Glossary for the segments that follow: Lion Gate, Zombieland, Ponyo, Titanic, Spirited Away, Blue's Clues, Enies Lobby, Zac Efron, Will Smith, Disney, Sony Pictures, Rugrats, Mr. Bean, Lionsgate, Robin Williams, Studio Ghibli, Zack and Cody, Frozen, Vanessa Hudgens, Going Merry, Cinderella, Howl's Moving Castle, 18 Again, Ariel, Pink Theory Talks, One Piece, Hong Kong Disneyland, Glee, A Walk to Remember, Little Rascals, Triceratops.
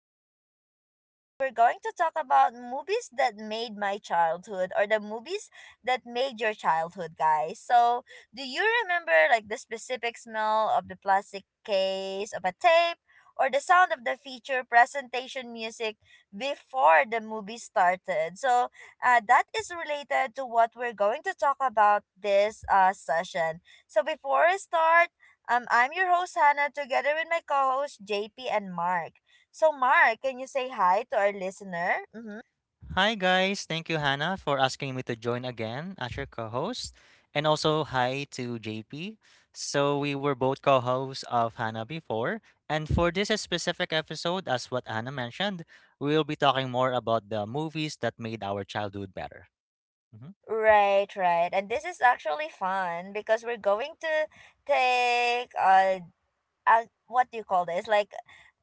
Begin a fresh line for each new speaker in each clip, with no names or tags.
in this session, we're going to talk about movies that made my childhood or the movies that made your childhood, guys. So, do you remember like the specific smell of the plastic case of a tape or the sound of the feature presentation music before the movie started? So, that is related to what we're going to talk about this session. So before I start, I'm your host Hannah together with my co-host JP and Mark. So Mark, can you say hi to our listener? Mm-hmm.
Hi, guys. Thank you, Hannah, for asking me to join again as your co host. And also, hi to JP. So, we were both co hosts of Hannah before. And for this specific episode, as what Hannah mentioned, we'll be talking more about the movies that made our childhood better. Mm-hmm.
Right, right. And this is actually fun because we're going to take a, what do you call this? Like,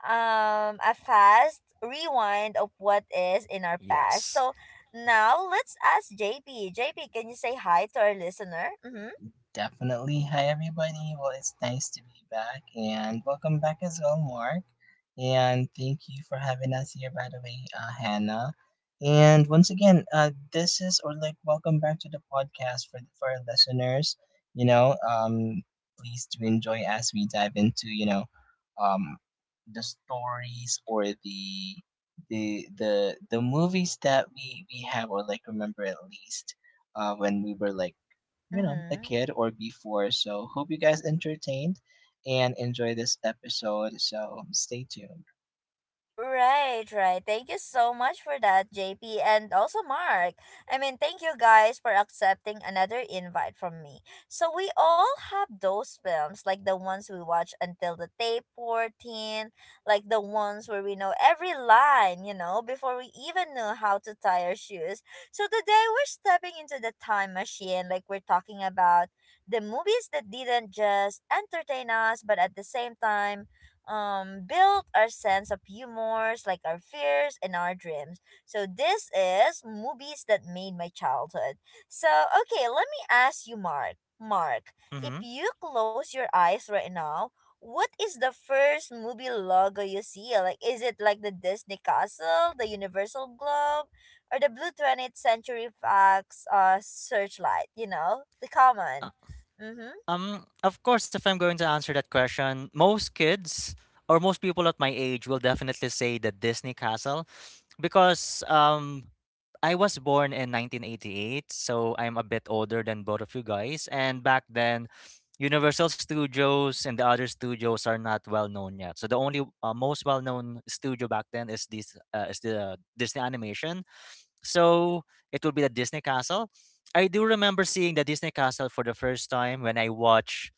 a fast rewind of what is in our past.
Yes.
So now let's ask JP. JP, can you say hi to our listener? Mm-hmm.
Definitely. Hi, everybody. Well, it's nice to be back, and welcome back as well, Mark. And thank you for having us here, by the way, Hannah. And once again, this is or like welcome back to the podcast for our listeners. You know, um, Please do enjoy as we dive into um, the stories or the the movies that we have or like remember at least when we were like a
Mm-hmm.
kid or before. So, hope you guys entertained and enjoy this episode. So, stay tuned.
Right, right. Thank you so much for that, JP, and also Mark. I mean, thank you guys for accepting another invite from me. So, we all have those films, like the ones we watch until the day 14, like the ones where we know every line, before we even know how to tie our shoes. So, today we're stepping into the time machine, like we're talking about the movies that didn't just entertain us, but at the same time, build our sense of humors, like our fears and our dreams. So this is movies that made my childhood. So okay, let me ask you, Mark. If
Mm-hmm.
you close your eyes right now, what is the first movie logo you see? Like, is it like the Disney castle, the universal globe, or the blue 20th Century Fox searchlight, you know, the common...
Uh,
Mm-hmm.
Of course, if I'm going to answer that question, most kids or most people at my age will definitely say the Disney Castle because I was born in 1988, so I'm a bit older than both of you guys. And back then, Universal Studios and the other studios are not well known yet. So the only most well known studio back then is this is the Disney Animation, so it will be the Disney Castle. I do remember seeing the Disney Castle for the first time when I watched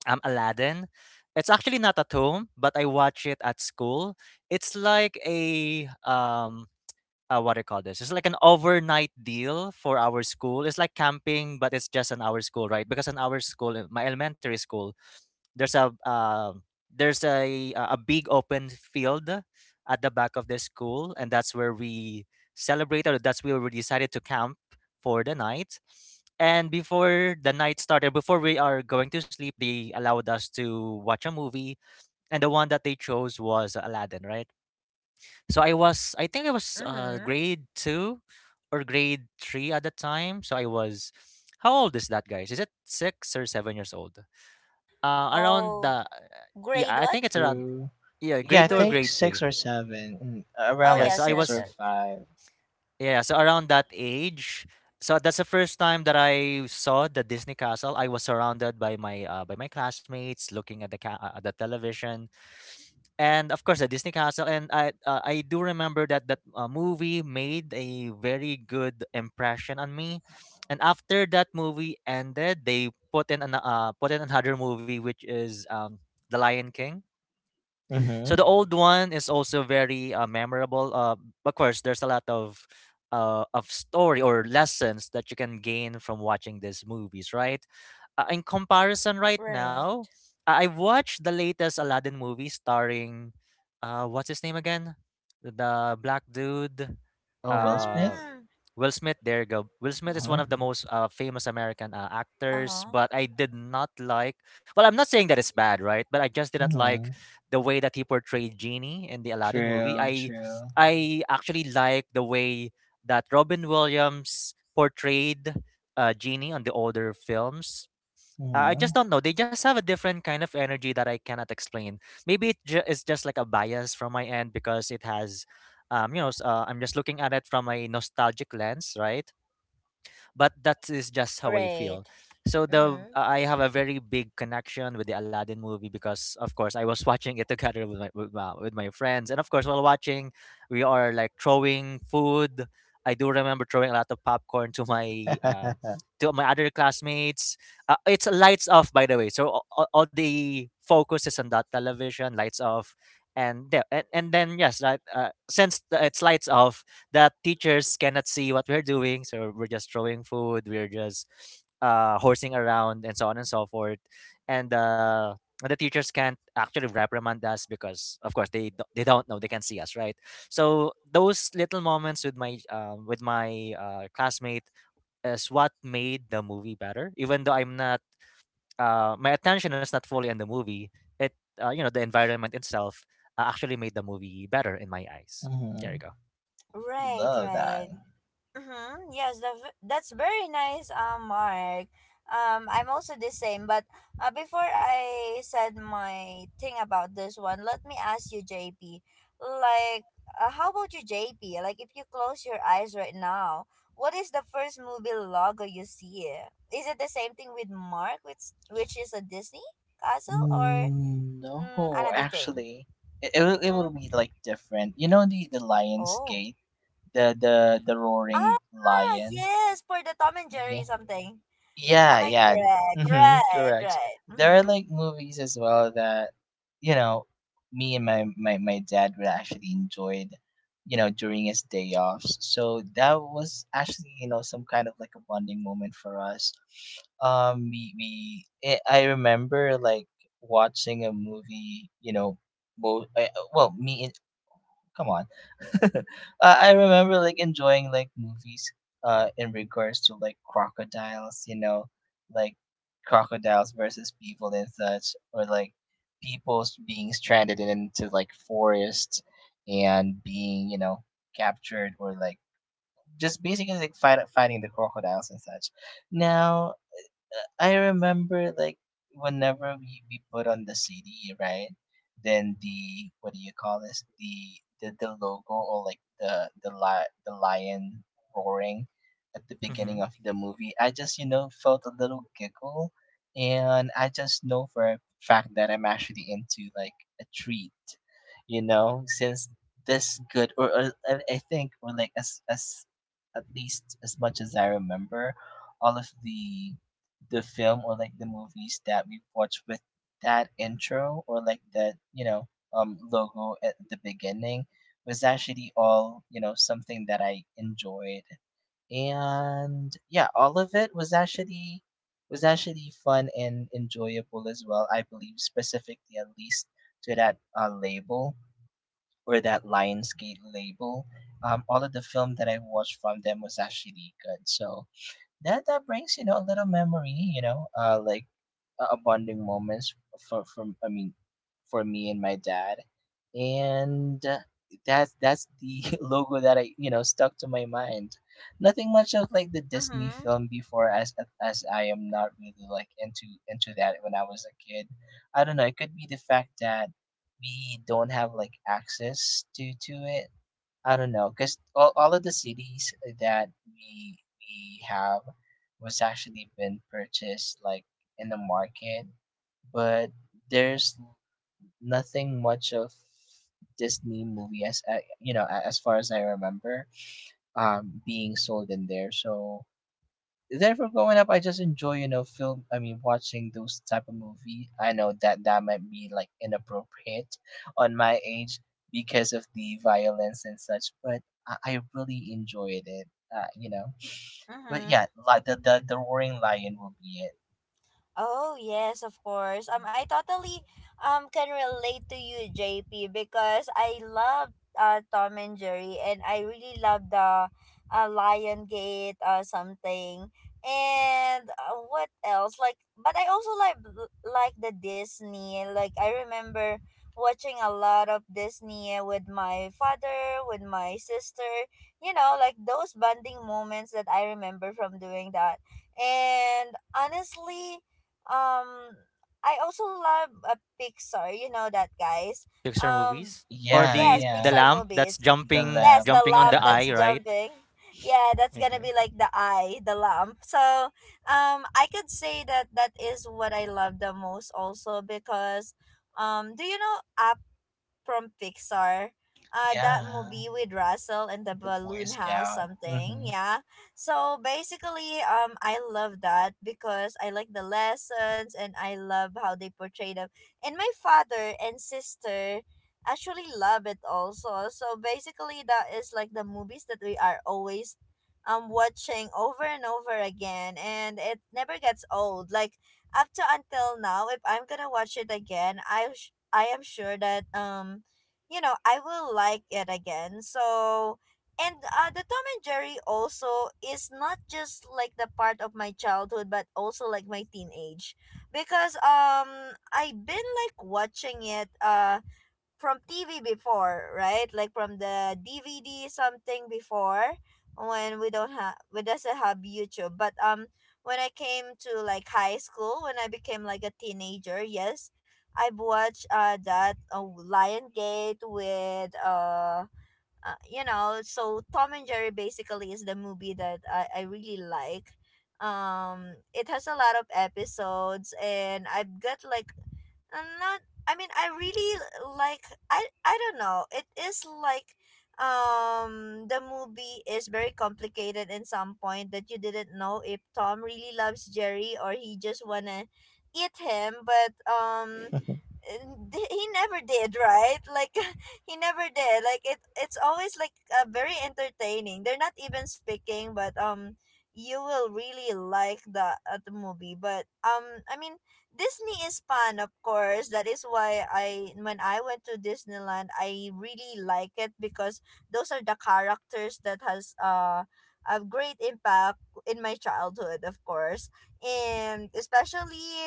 Aladdin. It's actually not at home, but I watch it at school. It's like a What do you call this? It's like an overnight deal for our school. It's like camping, but it's just an our school, right? Because in our school, in my elementary school, there's a um there's a big open field at the back of the school, and that's where we celebrated. Or That's where we decided to camp for the night. And before the night started, before we are going to sleep, they allowed us to watch a movie, and the one that they chose was Aladdin, right? So I was, I think I was
Mm-hmm.
grade two or grade three at the time. So I was, how old is that, guys? Is it 6 or 7 years old? Uh, around
Oh,
the yeah,
grade
I
what?
think it's around
Ooh.
yeah,
Yeah,
grade
I
two or
Grade...
think
grade
six
three.
or seven, mm,
Oh,
around
Yeah,
like
so
yes,
I
yes,
six
was
or
yes.
five.
yeah, so around that age. So that's the first time that I saw the Disney Castle. I was surrounded by my classmates, looking at the at the television, and of course the Disney Castle. And I do remember that that movie made a very good impression on me. And after that movie ended, they put in an, put in another movie, which is The Lion King.
Mm-hmm.
So the old one is also very memorable. Of course, there's a lot of story or lessons that you can gain from watching these movies, right? In comparison, right now,
Right.
I watched the latest Aladdin movie starring, what's his name again? The black dude.
Oh, Will
Uh,
Smith.
Mm.
Will Smith, there you go. Will
Uh
Smith is one of the
huh.
most famous American
Uh
actors,
huh.
but I did not like. Well, I'm not saying that it's bad, right? But I just did not like
Mm-hmm.
the way that he portrayed Genie in the Aladdin movie.
True.
I
True.
I actually like the way that Robin Williams portrayed Genie on the older films. I
Mm-hmm.
just don't know. They just have a different kind of energy that I cannot explain. It's just like a bias from my end because it has, I'm just looking at it from a nostalgic lens, right? But that is just how I
Right.
feel. So the
Mm-hmm.
I have a very big connection with the Aladdin movie because of course I was watching it together with with my friends, and of course while watching, we are like throwing food. I do remember throwing a lot of popcorn to my other classmates. It's lights off, by the way. So all the focus is on that television, lights off, and and then yes, that since it's lights off, that teachers cannot see what we're doing. So we're just throwing food, we're just horsing around, and so on and so forth. And the teachers can't actually reprimand us because, of course, they don't know, they can't see us, right? So those little moments with my classmate is what made the movie better. Even though I'm not, my attention is not fully on the movie. It You know the environment itself actually made the movie better in my eyes. There you
mm-hmm.
go.
Right,
Love that.
right. Mm-hmm. Yes, that's very nice, Mark. I'm also the same, but before I said my thing about this one, let me ask you, JP. Like, how about you, JP? Like, if you close your eyes right now, what is the first movie logo you see? Is it the same thing with Mark, which is a Disney castle, or...
Mm,
Mm,
no,
another thing.
actually, it will it will be
Mm.
like different. You know, the the Lion's
Oh.
Gate, the the the roaring
Ah,
lion.
yes, for the Tom and
Yeah,
Jerry something.
yeah,
Am I
yeah.
correct?
Hmm,
Right,
correct.
right.
There are
Mm-hmm.
like movies as well that, you know, me and my dad would actually enjoyed, you know, during his day offs. So that was actually, you know, some kind of like a bonding moment for us. I remember like watching a movie, you know, both well, me and come on. uh, I remember like enjoying like movies in regards to like crocodiles, you know, like crocodiles versus people and such, or like being stranded into like forest and being, you know, captured or like just basically like fighting the crocodiles and such. Now I remember like whenever we put on the CD, right? Then the what do you call this? The logo or like the lion roaring at the
Mm-hmm.
beginning of the movie. I just, you know, felt a little giggle, and I just know for a fact that I'm actually into like a treat, you know, since this good or I think or like as at least as much as I remember, all of the film or like the movies that we watched with that intro or like that, you know, um, logo at the beginning was actually all, you know, something that I enjoyed, and yeah, all of it was actually fun and enjoyable as well, I believe, specifically at least to that label or that Lionsgate label. Um, all of the film that I watched from them was actually good, so that that brings, you know, a little memory, you know, bonding moments for from I mean for me and my dad, and that's the logo that I, you know, stuck to my mind. Nothing much of like the Disney
Mm-hmm.
film before, as I am not really like into that when I was a kid. I don't know. It could be the fact that we don't have like access to it. I don't know, because all of the cities that we have was actually been purchased like in the market, but there's nothing much of Disney movie as as far as I remember, um, being sold in there. So therefore, growing up, I just enjoy, you know, film. I mean, watching those type of movie. I know that that might be like inappropriate on my age because of the violence and such, but I really enjoyed it. You know, but
Mm-hmm.
yeah, like the roaring lion will be it.
Oh yes, of course. I totally can relate to you, JP, because I love Tom and Jerry, and I really love the Lion Gate something, and what else? Like, but I also like the Disney. Like, I remember watching a lot of Disney with my father, with my sister. You know, like those bonding moments that I remember from doing that, and honestly um I also love Pixar. You know that, guys.
Pixar
Um,
movies or
Yeah,
yes,
the
yeah,
Pixar
lamp that's
movies.
the
jumping
Yes,
lab.
the
jumping on the
lamp that's
eye, right?
jumping. Yeah, that's gonna be
Okay.
like the eye, the lamp. So, I could say that that is what I love the most also because, do you know, from Pixar. That
yeah,
movie with Russell and the
the Boy
balloon house
Scout.
something.
Hmm.
Yeah, so basically I love that because I like the lessons and I love how they portray them, and my father and sister actually love it also. So basically that is like the movies that we are always watching over and over again, and it never gets old. Like, up to until now, if I'm gonna watch it again, I am sure that you know I will like it again. So and the Tom and Jerry also is not just like the part of my childhood but also like my teenage, because I've been like watching it from TV before, right? Like from the DVD something before when we doesn't have YouTube. But when I came to like high school, when I became like a teenager, yes, I've watched that Lion Gate with so Tom and Jerry basically is the movie that I really like. It has a lot of episodes, and I've got like, I not. I mean, I really like. I don't know. It is like, the movie is very complicated in some point that you didn't know if Tom really loves Jerry or he just wanna eat him, but And he never did, right? Like, he never did. Like, it's always like very entertaining. They're not even speaking, but you will really like the movie. But I mean Disney is fun, of course. That is why I when I went to Disneyland, I really like it because those are the characters that has a great impact in my childhood, of course. And especially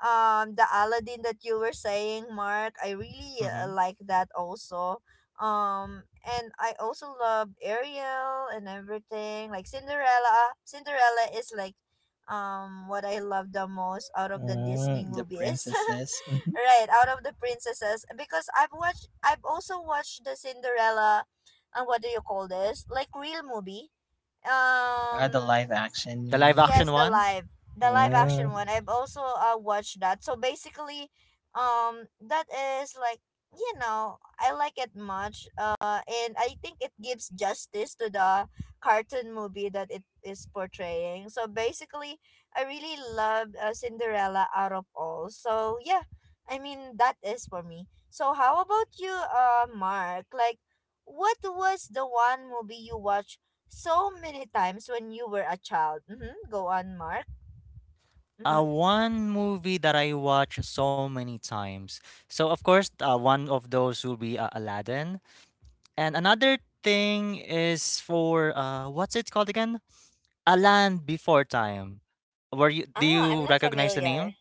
the Aladdin that you were saying, Mark, I really
Mm-hmm.
like that also. And I also love Ariel and everything, like Cinderella. Cinderella is like what I love the most out of the Disney
Mm, the
movies.
princesses.
Right, out of the princesses, because I've also watched the Cinderella and what do you call this, like, real movie,
Ah, the
um
live action, you
The live
mean?
Yes,
action
the
one.
live the live
Okay.
action
Mm.
one. I've also watched that. So basically, that is like, I like it much. And I think it gives justice to the cartoon movie that it is portraying. So basically, I really loved Cinderella out of all. So yeah, I mean that is for me. So how about you, Mark? Like, what was the one movie you watched so many times when you were a child? Mm-hmm. Go on, Mark. Mm-hmm.
One movie that I watch so many times. So of course, one of those will be Aladdin, and another thing is for what's it called again? A Land Before Time. Were you Do
Ah, I'm
you
not
recognize the
familiar.
name?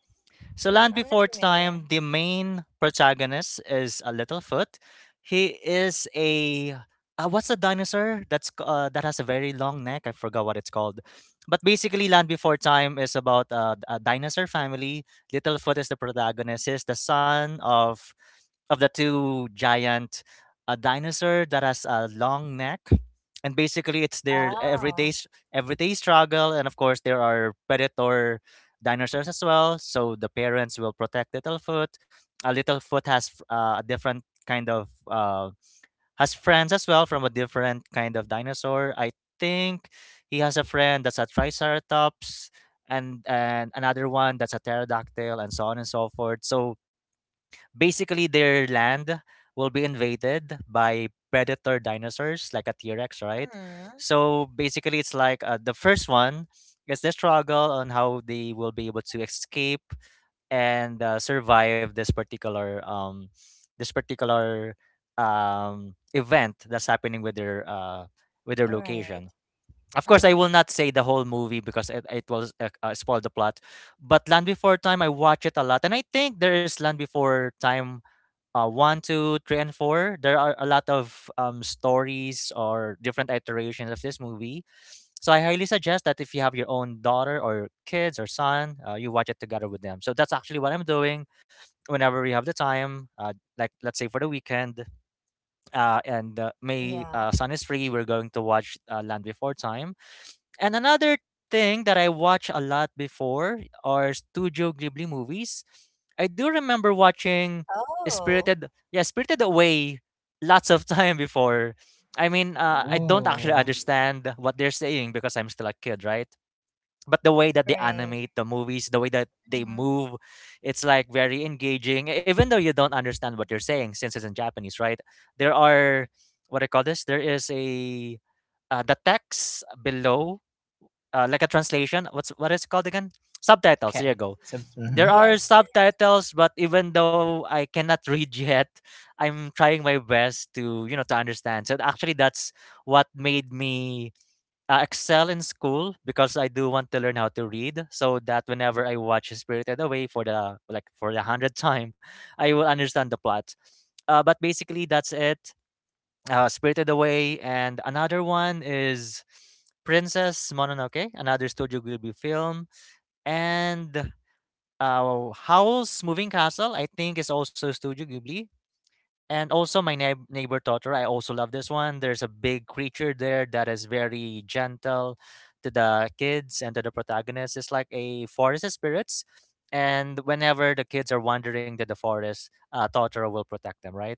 So,
Mm,
Land
I'm not
Before Time,
familiar.
the main protagonist is a Littlefoot. He is a what's a dinosaur that has a very long neck? I forgot what it's called. But basically, Land Before Time is about a dinosaur family. Littlefoot is the protagonist. He's the son of the two giant a dinosaur that has a long neck, and basically it's their
Ah.
everyday struggle. And of course there are predator dinosaurs as well. So the parents will protect Littlefoot. Littlefoot has a different kind of has friends as well from a different kind of dinosaur. I think he has a friend that's a Triceratops and another one that's a pterodactyl and so on and so forth. So basically, their land will be invaded by predator dinosaurs like a T-Rex, right?
Mm-hmm.
So basically, it's like the first one is the struggle on how they will be able to escape and survive this particular this particular event that's happening with their
All right.
location. Of course, I
Mm-hmm.
will not say the whole movie because it will spoil the plot. But Land Before Time, I watch it a lot, and I think there is Land Before Time one, two, three, and four, there are a lot of stories or different iterations of this movie. So I highly suggest that if you have your own daughter or kids or son, you watch it together with them. So that's actually what I'm doing whenever we have the time. Like let's say for the weekend, uh, and uh, my
Yeah.
uh, son is free, we're going to watch Land Before Time, and another thing that I watch a lot before are Studio Ghibli movies. I do remember watching
Oh.
Spirited, yeah, Spirited Away lots of time before. I mean, I don't actually
Ooh.
understand what they're saying because I'm still a kid, right? But the way
All
that they
right.
animate the movies, the way that they
Mm-hmm.
move, it's like very engaging, even though you don't understand what they're saying since it's in Japanese, right? There are, what I call this, There is a, the text below like a translation. What is it called again? Subtitles.
Okay.
There you go.
So,
There
mhm.
are
Yes. Yes.
subtitles, but even though I cannot read yet, I'm trying my best to you know to understand. So actually, that's what made me excel in school because I do want to learn how to read, so that whenever I watch Spirited Away for the for the hundredth time, I will understand the plot. But basically, that's it Spirited Away, and another one is Princess Mononoke, another Studio Ghibli film, and Howl's Moving Castle. I think is also Studio Ghibli. And also my neighbor daughter, I also love this one. There's a big creature there that is very gentle to the kids and to the protagonist. It's like a forest spirits. And whenever the kids are wandering to the forest, Totoro will protect them, right?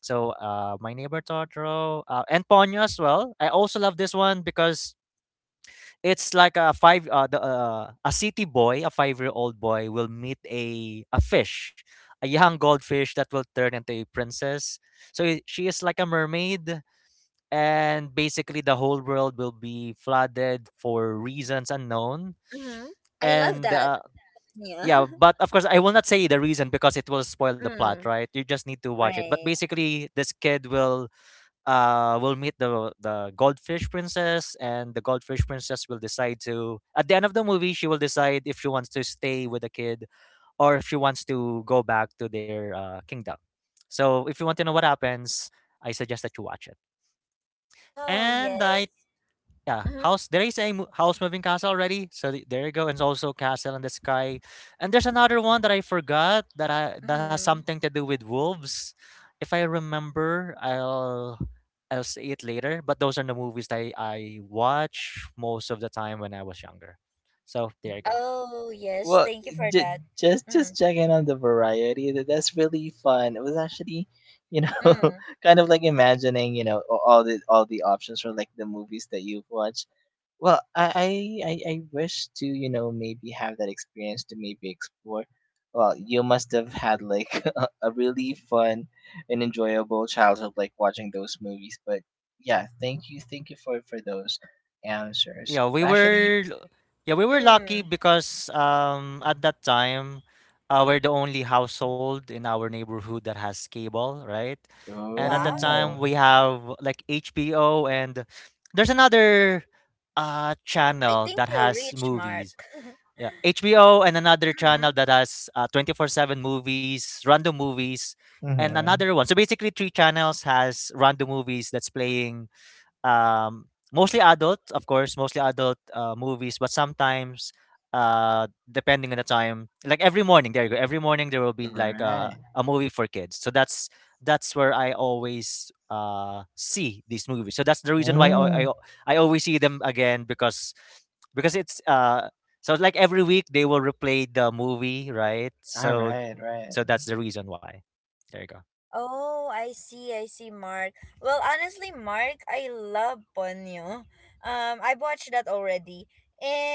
So my neighbor Totoro and Ponyo as well. I also love this one because it's like a five the, a city boy, a 5 year old boy will meet a fish, a young goldfish that will turn into a princess. So she is like a mermaid, and basically the whole world will be flooded for reasons unknown.
Mm-hmm. I love
And
that. Yeah.
yeah, but of course I will not say the reason because it will spoil the
Mm,
plot, right? You just need to watch it.
right.
But basically, this kid will meet the goldfish princess, and the goldfish princess will decide to. At the end of the movie, she will decide if she wants to stay with the kid, or if she wants to go back to their kingdom. So, if you want to know what happens, I suggest that you watch it.
Oh, yes.
And I yeah,
Mm-hmm.
house. There is a house moving castle already, so there you go. And it's also castle in the sky. And there's another one that I forgot that has
Mm-hmm.
something to do with wolves. If I remember, I'll see it later. But those are the movies that I watch most of the time when I was younger. So there you go.
Oh, yes.
Well,
Thank you for
j-
that. Mm,
just checking on the variety. That that's really fun. It was actually, you know,
mm,
kind of like imagining, you know, all the options for like the movies that you've watched. Well, I wish to, you know, maybe have that experience to maybe explore. Well, you must have had like a really fun and enjoyable childhood, like watching those movies. But yeah, thank you for those answers.
Yeah,
Actually,
we were lucky
mm.
because at that time, we're the only household in our neighborhood that has cable, right? And at that
oh,
time
Wow.
we have like HBO, and there's another
I
channel
think
that
you're
has
rich, Mark.
movies.
Mm-hmm.
Yeah, HBO and another channel that has 24/7 movies, random movies, and
mm-hmm.
another one. So basically three channels has random movies that's playing, um, mostly adult, of course, mostly adult movies, but sometimes, depending on the time, like every morning, there you go. Every morning there will be like a
Right.
a movie for kids. So that's where I always see these movies. So that's the reason why I,
Mm.
I I always see them again because it's so like every week they will replay the movie, right?
All
So
right, right.
so that's the reason why. There you go.
Oh, I see, Mark. Well, honestly, Mark, I love Ponyo. I've watched that already.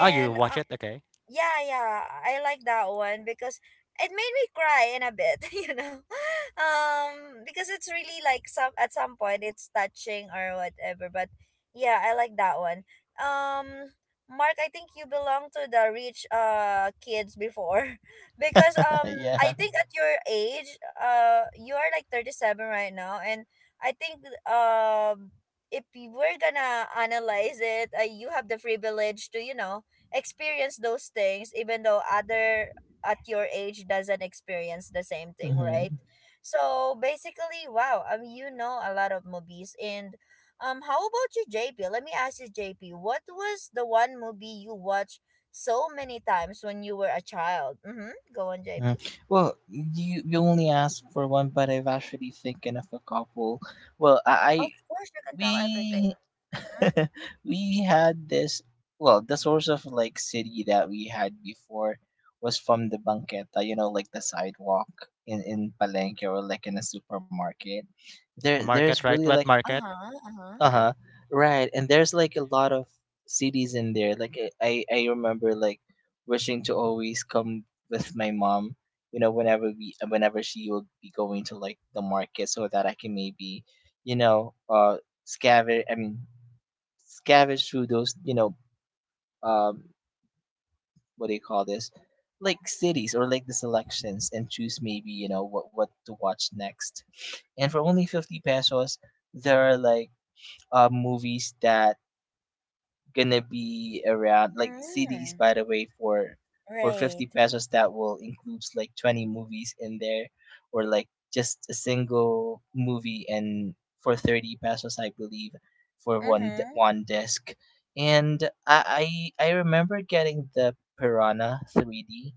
Oh, you watch it? Okay.
yeah, yeah, I like that one because it made me cry in a bit. Because it's really like, some at some point it's touching or whatever. But yeah, I like that one. Um, Mark, I think you belong to the rich kids before, because I
yeah.
think at your age you are like 37 right now, and I think if you we're gonna analyze it, you have the privilege to experience those things even though other at your age doesn't experience the same thing, right?
Mm-hmm.
So basically, wow, a lot of movies, and how about you, JP? Let me ask you, JP, what was the one movie you watched so many times when you were a child? Mm-hmm. Go on, JP.
Hmm. Well, you only asked for one, but I've actually thinking of a couple. Well, I
Of course, you can
we
tell everything. Mhm.
we had this. Well, the source of like city that we had before was from the banqueta, you know, like the sidewalk in Palenque or like in a supermarket. There
A
there's
market, right?
really
Wet
like
market.
Uh-huh. Uh-huh.
Okay.
uh-huh. Right. And there's like a lot of cities in there. Like I remember like wishing to always come with my mom, you know, whenever she will be going to like the market so that I can maybe, you know, scavenge I mean scavenge through those, you know, um, what do you call this? Like cities or like the selections and choose maybe, you know, what to watch next. And for only 50 pesos, there are like movies that gonna be around like CDs,
Mm.
by the way, for
Right.
50 pesos that will includes like 20 movies in there, or like just a single movie. And for 30 pesos, I believe, for
Mm-hmm.
one disc. And I remember getting the Piranha 3D,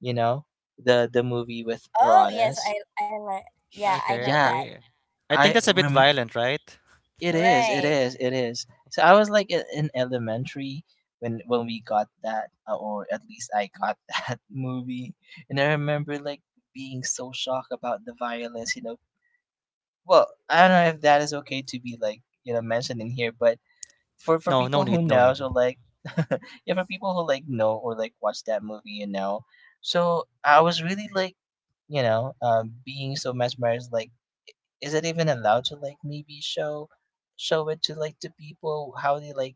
you know, the movie with
Oh, yes,
piranhas.
I like. Yeah, I
Okay,
know
Yeah,
that.
okay. I think
I
that's a bit
rem
violent, right?
it is,
Right.
it is. So I was like in elementary when we got that, or at least I got that movie, and I remember like being so shocked about the violence. You know, well, I don't know if that is okay to be like, you know, mentioned in here, but for
No, no
people who
need, no
know,
need.
so like yeah, for people who like know or like watch that movie, you know, so I was really like, you know, being so mesmerized, like, is it even allowed to like maybe show it to like the people, how they like,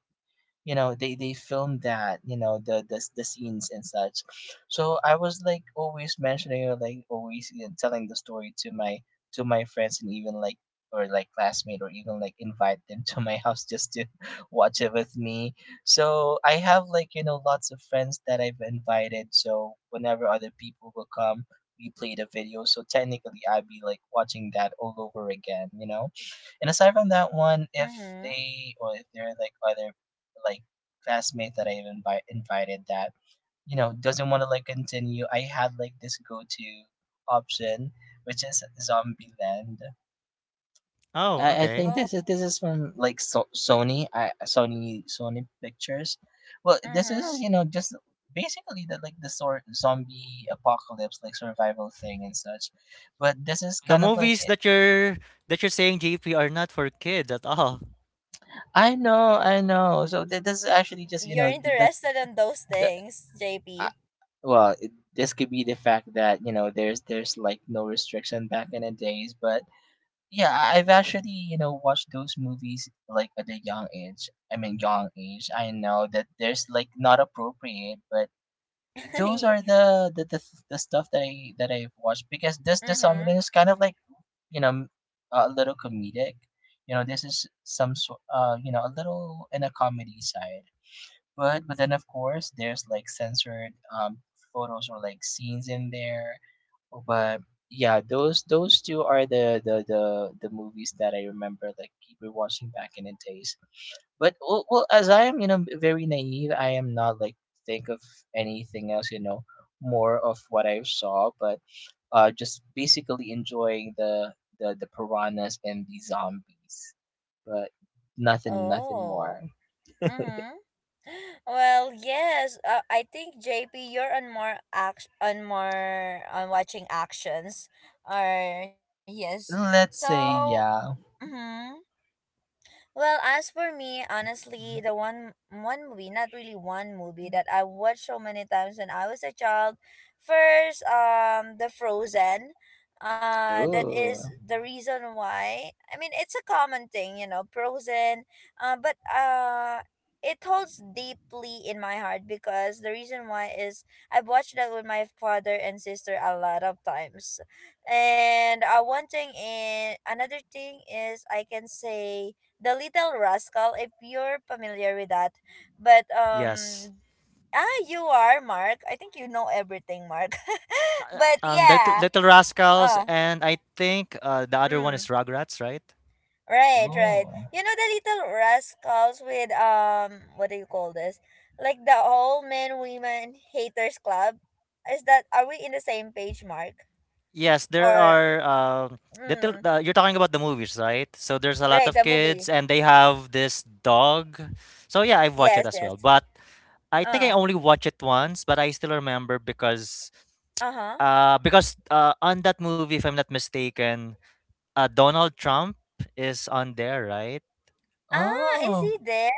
you know, they filmed that, you know, the scenes and such. So I was like always mentioning or like always, you know, telling the story to my friends and even like or like classmate, or even like invite them to my house just to watch it with me. So I have like, you know, lots of friends that I've invited, so whenever other people will come, we play the video, so technically I'd be like watching that all over again, you know. And aside from that one, if
Mm-hmm.
they or if there are like other like classmate that I invited that, you know, doesn't want to like continue, I had like this go to option, which is Zombieland.
Oh,
I think
okay.
Oh,
this is from like Sony Pictures. Well, this is,
mm-hmm.
you know, just basically the like the sort zombie apocalypse like survival thing and such. But this is
The
kind of like
movies
it.
that you're saying, JP, are not for kids at all.
I know, I know. So this is actually just, you
You're
know,
interested in those
the
things, JP.
well it, this could be the fact that, you know, there's like no restriction back in the days. But yeah, I've actually, you know, watched those movies like at a young age. I mean, young age, I know that there's like not appropriate, but those are the stuff that I've watched because this the something
Mm-hmm.
is kind of like, you know, a little comedic. You know, this is some sort, uh, you know, a little in a comedy side. But then, of course, there's like censored, um, photos or like scenes in there. But yeah, those two are the movies that I remember like keep watching back in the days. But well, well, as I am, you know, very naive, I am not like think of anything else, you know, more of what I saw, but just basically enjoying the piranhas and the zombies, but nothing more.
Oh. Mm-hmm. Well, yes. I think JP, you're on more on watching actions. Or yes.
Let's
So,
say yeah.
mm-hmm. Well, as for me, honestly, the one movie, not really one movie that I watched so many times when I was a child. First, the Frozen. That is
Ooh.
the reason why. I mean, it's a common thing, Frozen. But it holds deeply in my heart because the reason why is I've watched that with my father and sister a lot of times, and one thing in another thing is I can say the Little Rascal, if you're familiar with that. But
Yes.
you are, Mark. I think you know everything, Mark. But
Little,
yeah.
Little Rascals,
Oh.
and I think the other one is
Mm.
Rugrats, right?
Right, right.
Ooh.
You know the Little Rascals with what do you call this? Like, the all men women haters club. Is that are we in the same page, Mark?
Yes, there
Or
are
mm,
little, you're talking about the movies, right? So there's a lot
right,
of
the movie.
kids and they have this dog. So yeah, I've watched it
Yes,
as
yes.
well. But I think I
Uh.
only watched it once, but I still remember because
Uh-huh.
On that movie, if I'm not mistaken, Donald Trump is on there, right?
Ah, is
Oh,
he there?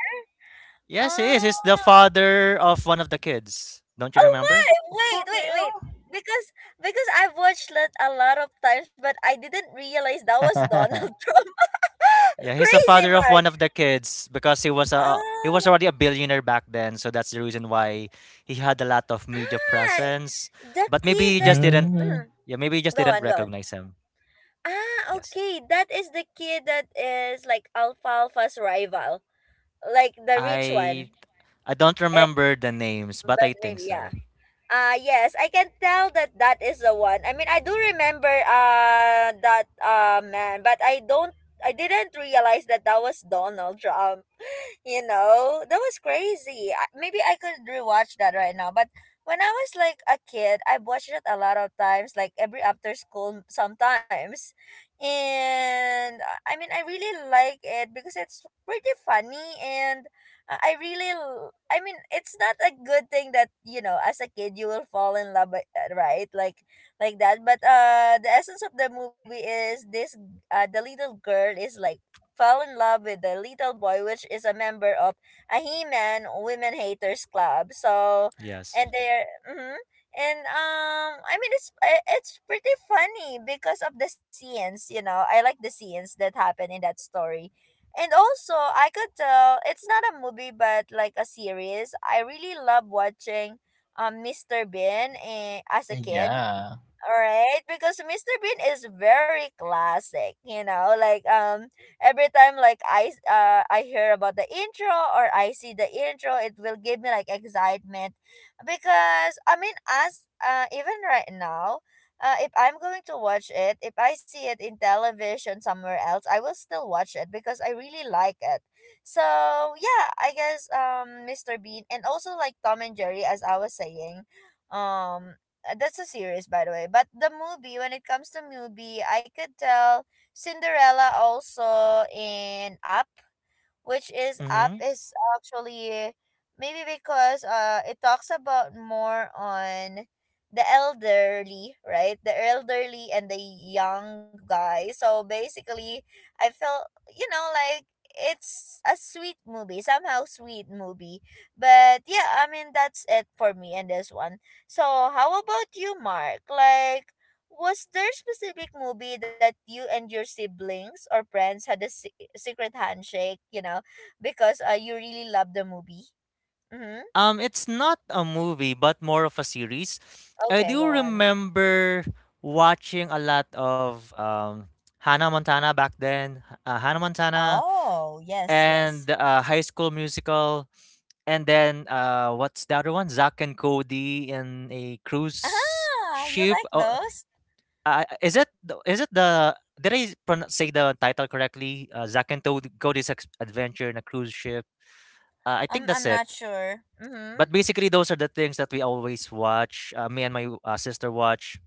Yes, he is. He's the
Ah.
father of one of the kids. Don't you
Oh
remember?
my! Wait,
for
wait, wait. Because because I've watched it a lot of times, but I didn't realize that was Donald
real?
Trump.
Yeah, he's the
Crazy,
father of
Mark.
one of the kids because he was
Oh.
already a billionaire back then, so that's the reason why he had a lot of media
Ah,
presence.
the
But maybe
kid
he just
that...
didn't.
mm,
Mhm.
Yeah, maybe he just
Go
didn't
on, go on.
recognize him.
Ah,
Yes,
okay. That is the kid that is like Alfalfa's rival, like the rich
I
one.
I don't
Eh,
remember the names, but
but
I think
maybe
so.
yeah. Yes, I can tell that that is the one. I mean, I do remember that man, but I didn't realize that that was Donald Trump. That was crazy. Maybe I could rewatch that right now, but when I was like a kid I watched it a lot of times, like every after school sometimes. And I mean I really like it because it's pretty funny. And I really I mean it's not a good thing that as a kid you will fall in right, like that. But the essence of the movie is this. The little girl is like fell in love with the little boy, which is a member of a He-Man Women Haters Club. So,
Yes.
and they're mm-hmm. And I mean it's pretty funny because of the scenes. You know, I like the scenes that happen in that story. And also, I could tell it's not a movie but like a series. I really love watching Mr. Bean as a kid,
yeah.
all right, because Mr. Bean is very classic, you know, like every time like I hear about the intro or I see the intro, it will give me like excitement because I mean as even right now, if I'm going to watch it, if I see it in television somewhere else, I will still watch it because I really like it. So, yeah, I guess Mr. Bean and also like Tom and Jerry, as I was saying, um that's a series by the way. But the movie, when it comes to movie, I could tell Cinderella, also in Up, which is Up
Mm-hmm.
is actually maybe because it talks about more on the elderly, right, the elderly and the young guy. So basically I felt, you know, like it's a sweet movie, somehow sweet movie. But yeah, I mean that's it for me and this one. So how about you, Mark? Like, was there specific movie that you and your siblings or friends had a secret handshake, you know, because you really love the movie? Mm-hmm.
It's not a movie, but more of a series. I
Okay,
do
go on.
remember watching a lot of Hannah Montana back then, Hannah Montana,
Oh, yes, yes.
and High School Musical, and then what's the other one? Zack and Cody in a cruise
Ah, you
ship.
like
Oh,
those?
is it the did I say the title correctly? Zack and Cody's Adventure in a Cruise Ship. I think
I'm
that's
not
it.
sure. Mm-hmm.
But basically, those are the things that we always watch. Me and my sister watch.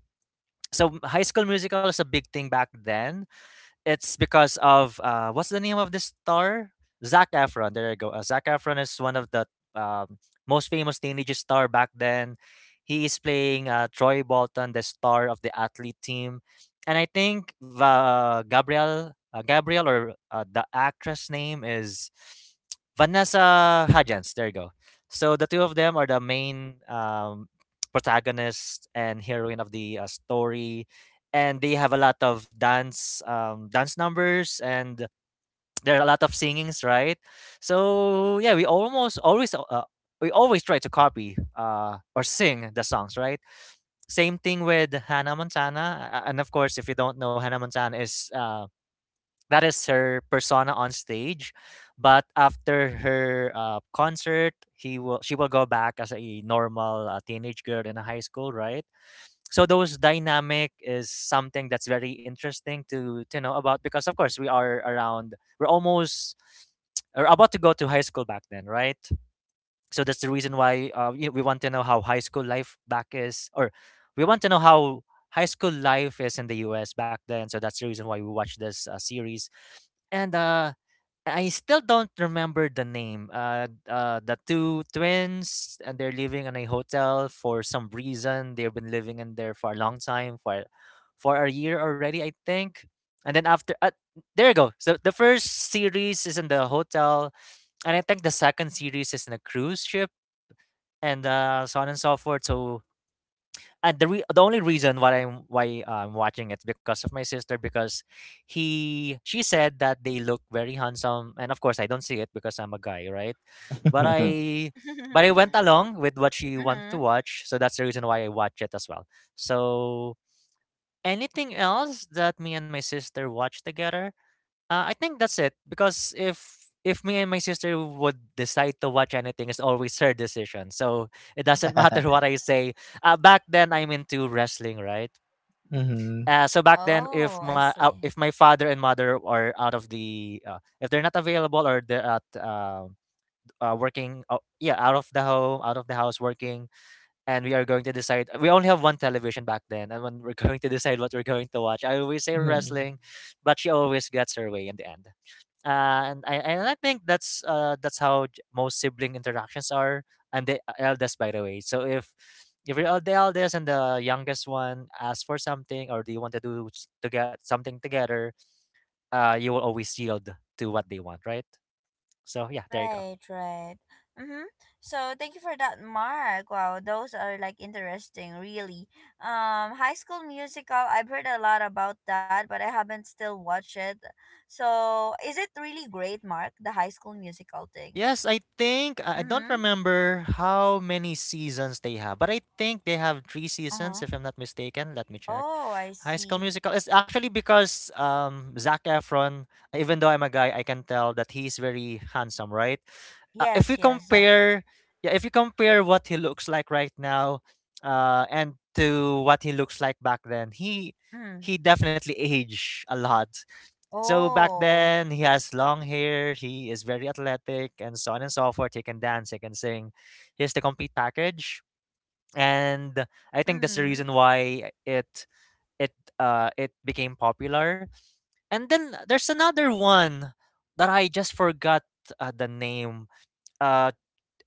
So, High School Musical is a big thing back then. It's because of what's the name of this star? Zac Efron. There you go. Zac Efron is one of the um, most famous teenage star back then. He is playing Troy Bolton, the star of the athlete team, and I think Gabriel, or the actress name is Vanessa Hudgens. There you go. So the two of them are the main protagonist and heroine of the story, and they have a lot of dance numbers, and there are a lot of singings, right. So yeah, we always try to copy or sing the songs, right. Same thing with Hannah Montana. And of course, if you don't know, Hannah Montana is that is her persona on stage. But after her concert, he will she will go back as a normal teenage girl in a high school, right. So those dynamic is something that's very interesting to know about, because of course we are around we're almost or about to go to high school back then, right. So that's the reason why, we want to know how high school life back is, or we want to know how high school life is in the US back then. So that's the reason why we watch this series. And I still don't remember the name. The two twins, and they're living in a hotel for some reason. They've been living in there for a long time, for a year already, I think. And then after, there you go. So the first series is in the hotel, and I think the second series is in a cruise ship, and so on and so forth. So, and the only reason why I'm watching it's because of my sister, because he she said that they look very handsome, and of course I don't see it because I'm a guy, right. but I but I went along with what she wanted to
Mm-hmm.
watch, so that's the reason why I watch it as well. So, anything else that me and my sister watch together? I think that's it because if me and my sister would decide to watch anything, it's always her decision. So it doesn't matter what I say. Back then, I'm into wrestling, right?
mm-hmm.
So back then,
Oh, I see.
if my father and mother are out of the if they're not available, or they're at working, yeah, out of the house working, and we are going to decide — we only have one television back then, and when we're going to decide what we're going to watch, I always say
Hmm.
wrestling. But she always gets her way in the end. And I think that's how most sibling interactions are. I'm the eldest, by the way. So if you're the eldest and the youngest one asks for something, or do you want to to get something together, you will always yield to what they want, right? So yeah, there you go.
Right, right. Mm-hmm. So thank you for that, Mark. Wow, those are like interesting, really. High School Musical. I've heard a lot about that, but I haven't still watched it. So is it really great, Mark? The High School Musical thing.
Yes, I think I don't
Mm-hmm.
remember how many seasons they have, but I think they have three
Uh
seasons,
huh.
if I'm not mistaken. Let me check.
Oh, I
High School
see.
Musical. It's actually because Zac Efron, even though I'm a guy, I can tell that he's very handsome, right? Uh, if you
Yes, yes. Zach.
compare, yeah, if you compare what he looks like right now, and to what he looks like back then, he
Mm.
he definitely aged a lot. So back
Oh.
then, he has long hair, he is very athletic, and so on and so forth. He can dance, he can sing. He's the complete package. And I think that's the
Mm-hmm.
reason why it it became popular. And then there's another one that I just forgot the name. Uh,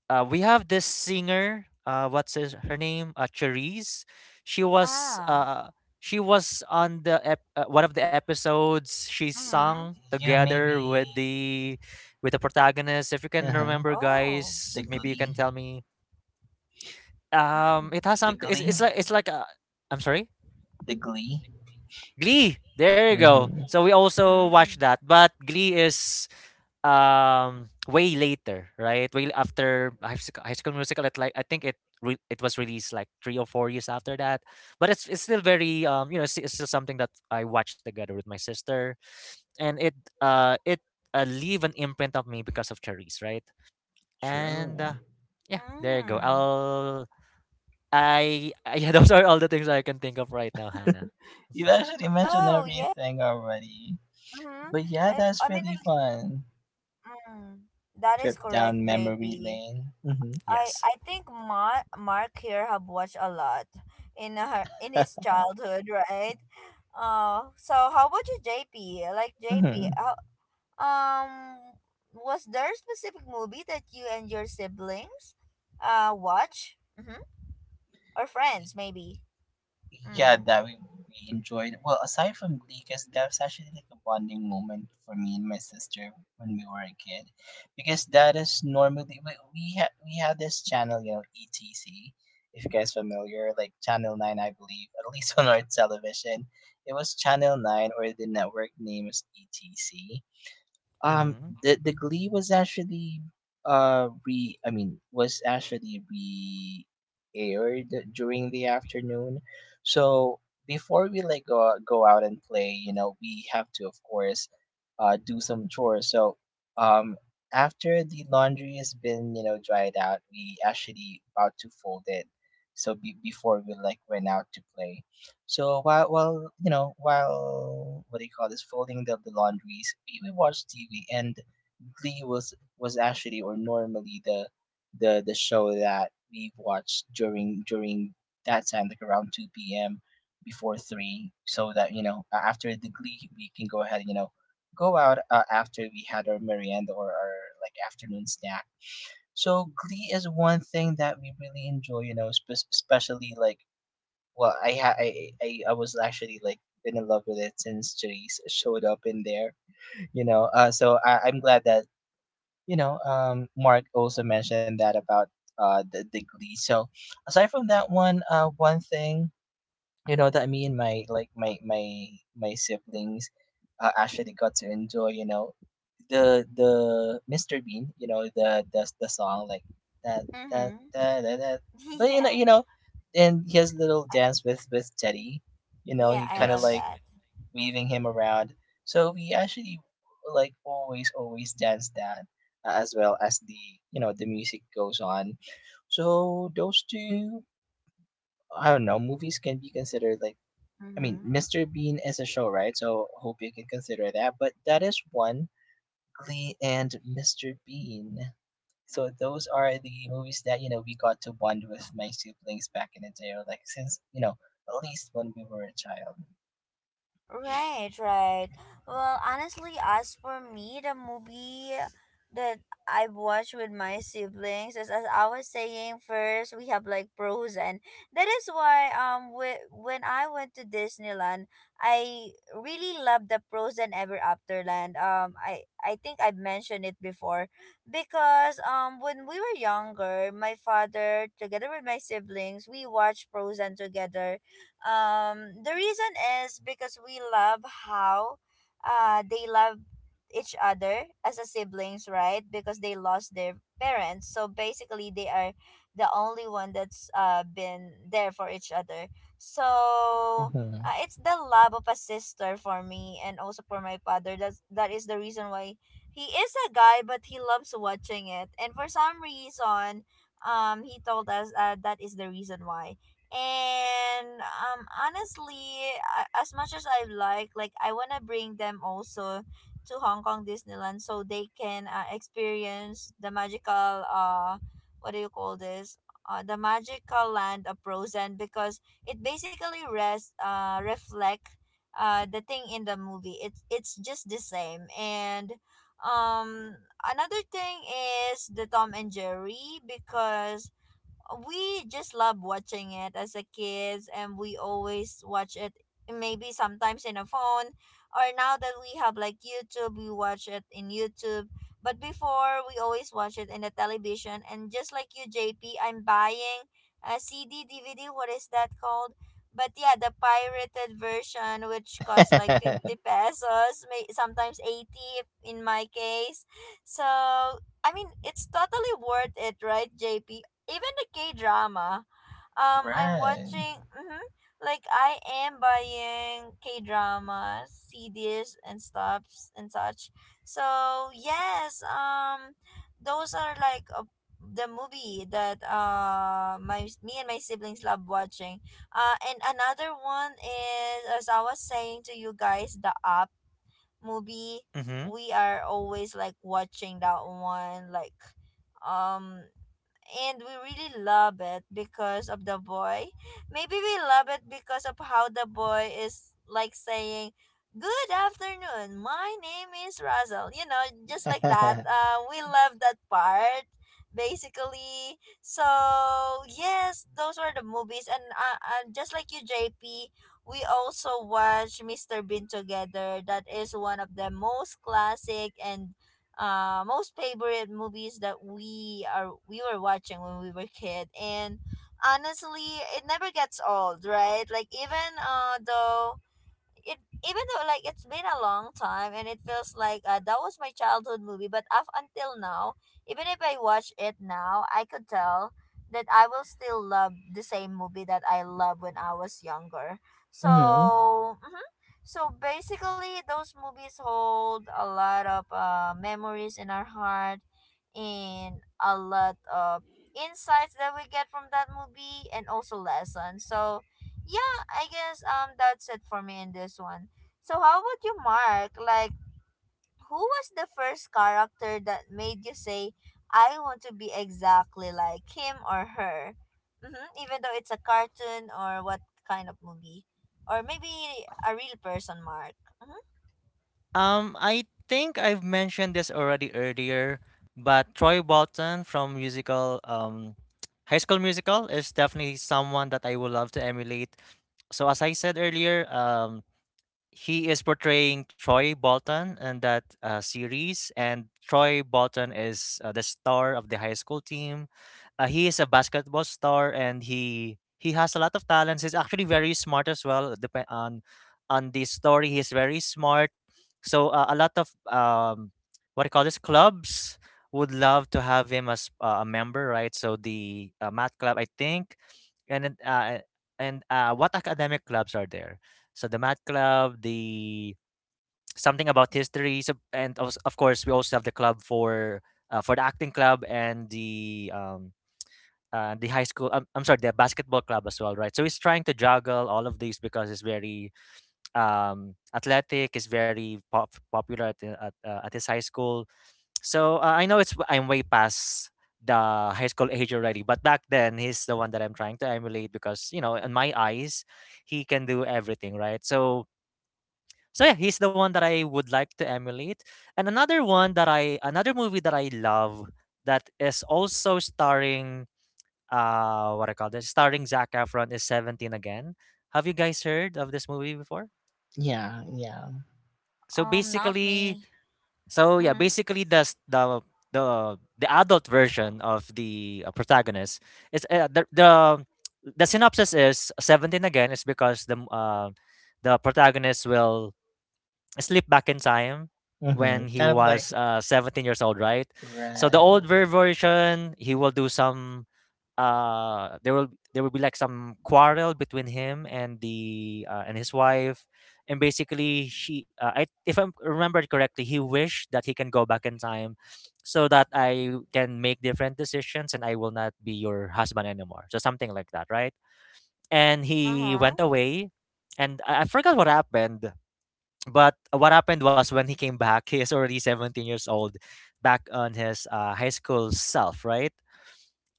we have this singer. What's his, her name? Cherise. She was
Ah.
uh, she was on the one of the episodes. She
Mm-hmm.
sung
You
together
maybe.
with the protagonist. If you
Uh
can
huh.
remember,
Oh.
The
guys, maybe you can
Glee.
tell me.
Mm.
It has
The
something.
Glee.
It's like a. I'm sorry.
The Glee.
Glee. There you go.
Mm-hmm.
So we also
Mm.
watch that, but Glee is way later, right? Way after high school musical, it like I think it was released like 3 or 4 years after that. But it's still very it's still something that I watched together with my sister. And it leave an imprint of me because of Charisse, right. And
True.
yeah, there you go.
Mm.
I'll I Yeah, those are all the things I can think of right now, Hannah.
You actually mentioned
Oh, yeah.
everything already.
Mm-hmm.
But yeah,
Um, I
that's
mean,
really
it-
fun.
mm, that is
Trip
correct,
down
J
memory
P.
lane. Mm-hmm.
I
Yes.
I think Mark here have watched a lot in her in his childhood, right? So how about you, JP? Like JP,
mm-hmm.
how, um, was there a specific movie that you and your siblings watch? Mm-hmm. Or friends, maybe.
Yeah,
Mm.
that we enjoyed. Well, aside from Glee, because that was actually like a bonding moment for me and my sister when we were a kid, because that is normally we had this channel, you know, ETC. If you guys familiar, like Channel Nine, I believe, at least on our television, it was Channel Nine, or the network name is ETC. Um,
Mm-hmm.
the Glee was actually re I mean was actually re aired during the afternoon. So before we like go out and play, you know, we have to of course do some chores. So um after the laundry has been dried out, we actually about to fold it. So before we like went out to play. So while what do you call this folding the laundries, we watched TV, and Glee was actually or normally the show that we watched during that time, like around two p.m. before three, so that you know after the Glee we can go ahead and you know go out after we had our merienda or our like afternoon snack. So Glee is one thing that we really enjoy, you know, especially like well, I ha- I was actually like been in love with it since Jace showed up in there. So I'm glad that you know Mark also mentioned that about the Glee. So aside from that one, one thing you know that me and my my siblings actually got to enjoy. You know, the Mr. Bean, you know, the song like that that
Mm-hmm.
that that. But you know,
Yeah.
you know, and he has a little
I,
dance with Teddy. You know,
yeah,
he
I
kind of
love
Yes.
like
that.
waving him around. So we actually like always dance that as well as the you know the music goes on. So those two, I don't know, movies can be considered like. I mean,
Mm-hmm.
Mr. Bean is a show, right? So hope you can consider that. But that is one. Glee, and Mr. Bean. So those are the movies that you know we got to bond with my siblings back in the day, or like since you know at least when we were a child.
Right, right. Well, honestly, as for me, the movie that I watched with my siblings is, as I was saying first, we have like Frozen. That is why when I went to Disneyland, I really loved the Frozen Ever Afterland. I think I've mentioned it before because when we were younger, my father together with my siblings, we watched Frozen together. The reason is because we love how they love each other as a siblings, right? Because they lost their parents. So basically they are the only one that's been there for each other. So
Mm-hmm.
it's the love of a sister for me and also for my father. That is the reason why he is a guy but he loves watching it. And for some reason, he told us that is the reason why. And honestly, as much as I like I want to bring them also to Hong Kong Disneyland so they can experience the magical what do you call this the magical land of Frozen because it basically rest reflect the thing in the movie. It's just the same. And um another thing is the Tom and Jerry because we just love watching it as a kids, and we always watch it, maybe sometimes in a phone, or now that we have like YouTube we watch it in YouTube. But before we always watch it in the television. And just like you, JP, I'm buying a CD, DVD, what is that called, but yeah, the pirated version, which costs like 50 pesos, may sometimes 80 in my case. So I mean, it's totally worth it, right, JP? Even the K drama, I'm
right.
watching. Hmm, like I am buying K dramas, CDs, and stuffs and such. So yes, those are like the movie that my me and my siblings love watching. And another one is, as I was saying to you guys, the Up movie.
Mm-hmm.
We are always like watching that one, like um and we really love it because of the boy. Maybe we love it because of how the boy is like saying, "Good afternoon, my name is Russell." You know, just like that. We love that part, basically. So, yes, those are the movies. And just like you, JP, we also watch Mr. Bean together. That is one of the most classic and most favorite movies that we were watching when we were kid. And honestly it never gets old, right, like even though it even though like it's been a long time and it feels like that was my childhood movie. But up until now, even if I watch it now I could tell that I will still love the same movie that I loved when I was younger.
hmm
So mhm. So basically those movies hold a lot of memories in our heart and a lot of insights that we get from that movie and also lessons. So yeah, I guess that's it for me in this one. So how about you, Mark? Like, who was the first character that made you say, "I want to be exactly like him or her," mm-hmm, even though it's a cartoon or what kind of movie, or maybe a real person, Mark? Mm-hmm.
I think I've mentioned this already earlier, but Troy Bolton from musical High School Musical is definitely someone that I would love to emulate. So as I said earlier, he is portraying Troy Bolton in that series, and Troy Bolton is the star of the high school team. He is a basketball star, and he has a lot of talents. He's actually very smart as well. Depend on the story, he's very smart. So a lot of what I call this clubs would love to have him as a member, right? So the math club, I think, and then, and what academic clubs are there? So the math club, the something about history, so, and of course we also have the club for the acting club, and the high school. I'm sorry, the basketball club as well, right? So he's trying to juggle all of these because he's very athletic. He's very popular at at his high school. So I know it's I'm way past the high school age already, but back then he's the one that I'm trying to emulate because, you know, in my eyes he can do everything right. So yeah, he's the one that I would like to emulate. And another movie that I love, that is also starring what I call this starring Zac Efron, is 17 again. Have you guys heard of this movie before?
Yeah, yeah.
So
Not
basically,
me.
yeah,
Mm-hmm.
basically the the adult version of the protagonist is the synopsis is 17 again is because the protagonist will slip back in time when
Mm-hmm.
he
Kind of like
was 17 years old, right? So the
right.
version, he will do some uh there will there will be like some quarrel between him and the and his wife, and basically she I, if I remember correctly, he wished that he can go back in time so that I can make different decisions and I will not be your husband anymore, so something like that, right? And
Uh
he
huh.
went away, and I forgot what happened, but what happened was when he came back, he is already 17 years old, back on his high school self, right?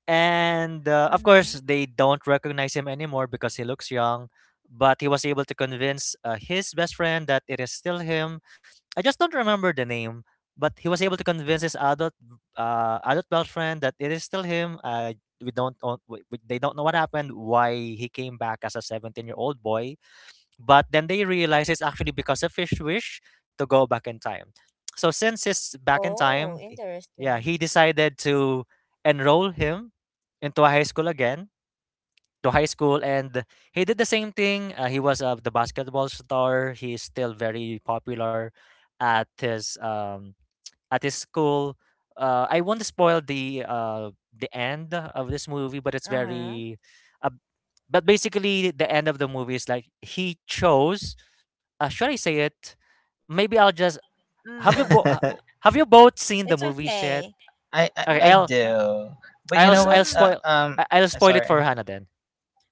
And of
Mm-hmm.
course, they don't recognize him anymore because he looks young. But he was able to convince his best friend that it is still him. I just don't remember the name, but he was able to convince his adult best friend that it is still him. We don't know, they don't know what happened, why he came back as a 17-year-old boy, but then they realize it's actually because of his wish to go back in time. So since it's back in time,
Oh,
yeah,
interesting.
he decided to enroll him into a high school again, to high school, and he did the same thing. He was the basketball star. He's still very popular at his um, at his school. I won't spoil the end of this movie, but it's
Uh huh.
very. Uh, but basically, the end of the movie is like he chose, should I say it? Maybe I'll just have you bo-
Mm.
uh,
I,
have you both seen the
It's
movies yet?
okay.
I
Okay,
I
Mm mm.
do, but you
I'll
know
s-
what?
I'll
Mm.
spoil I'll spoil it
Sorry.
for Hannah then.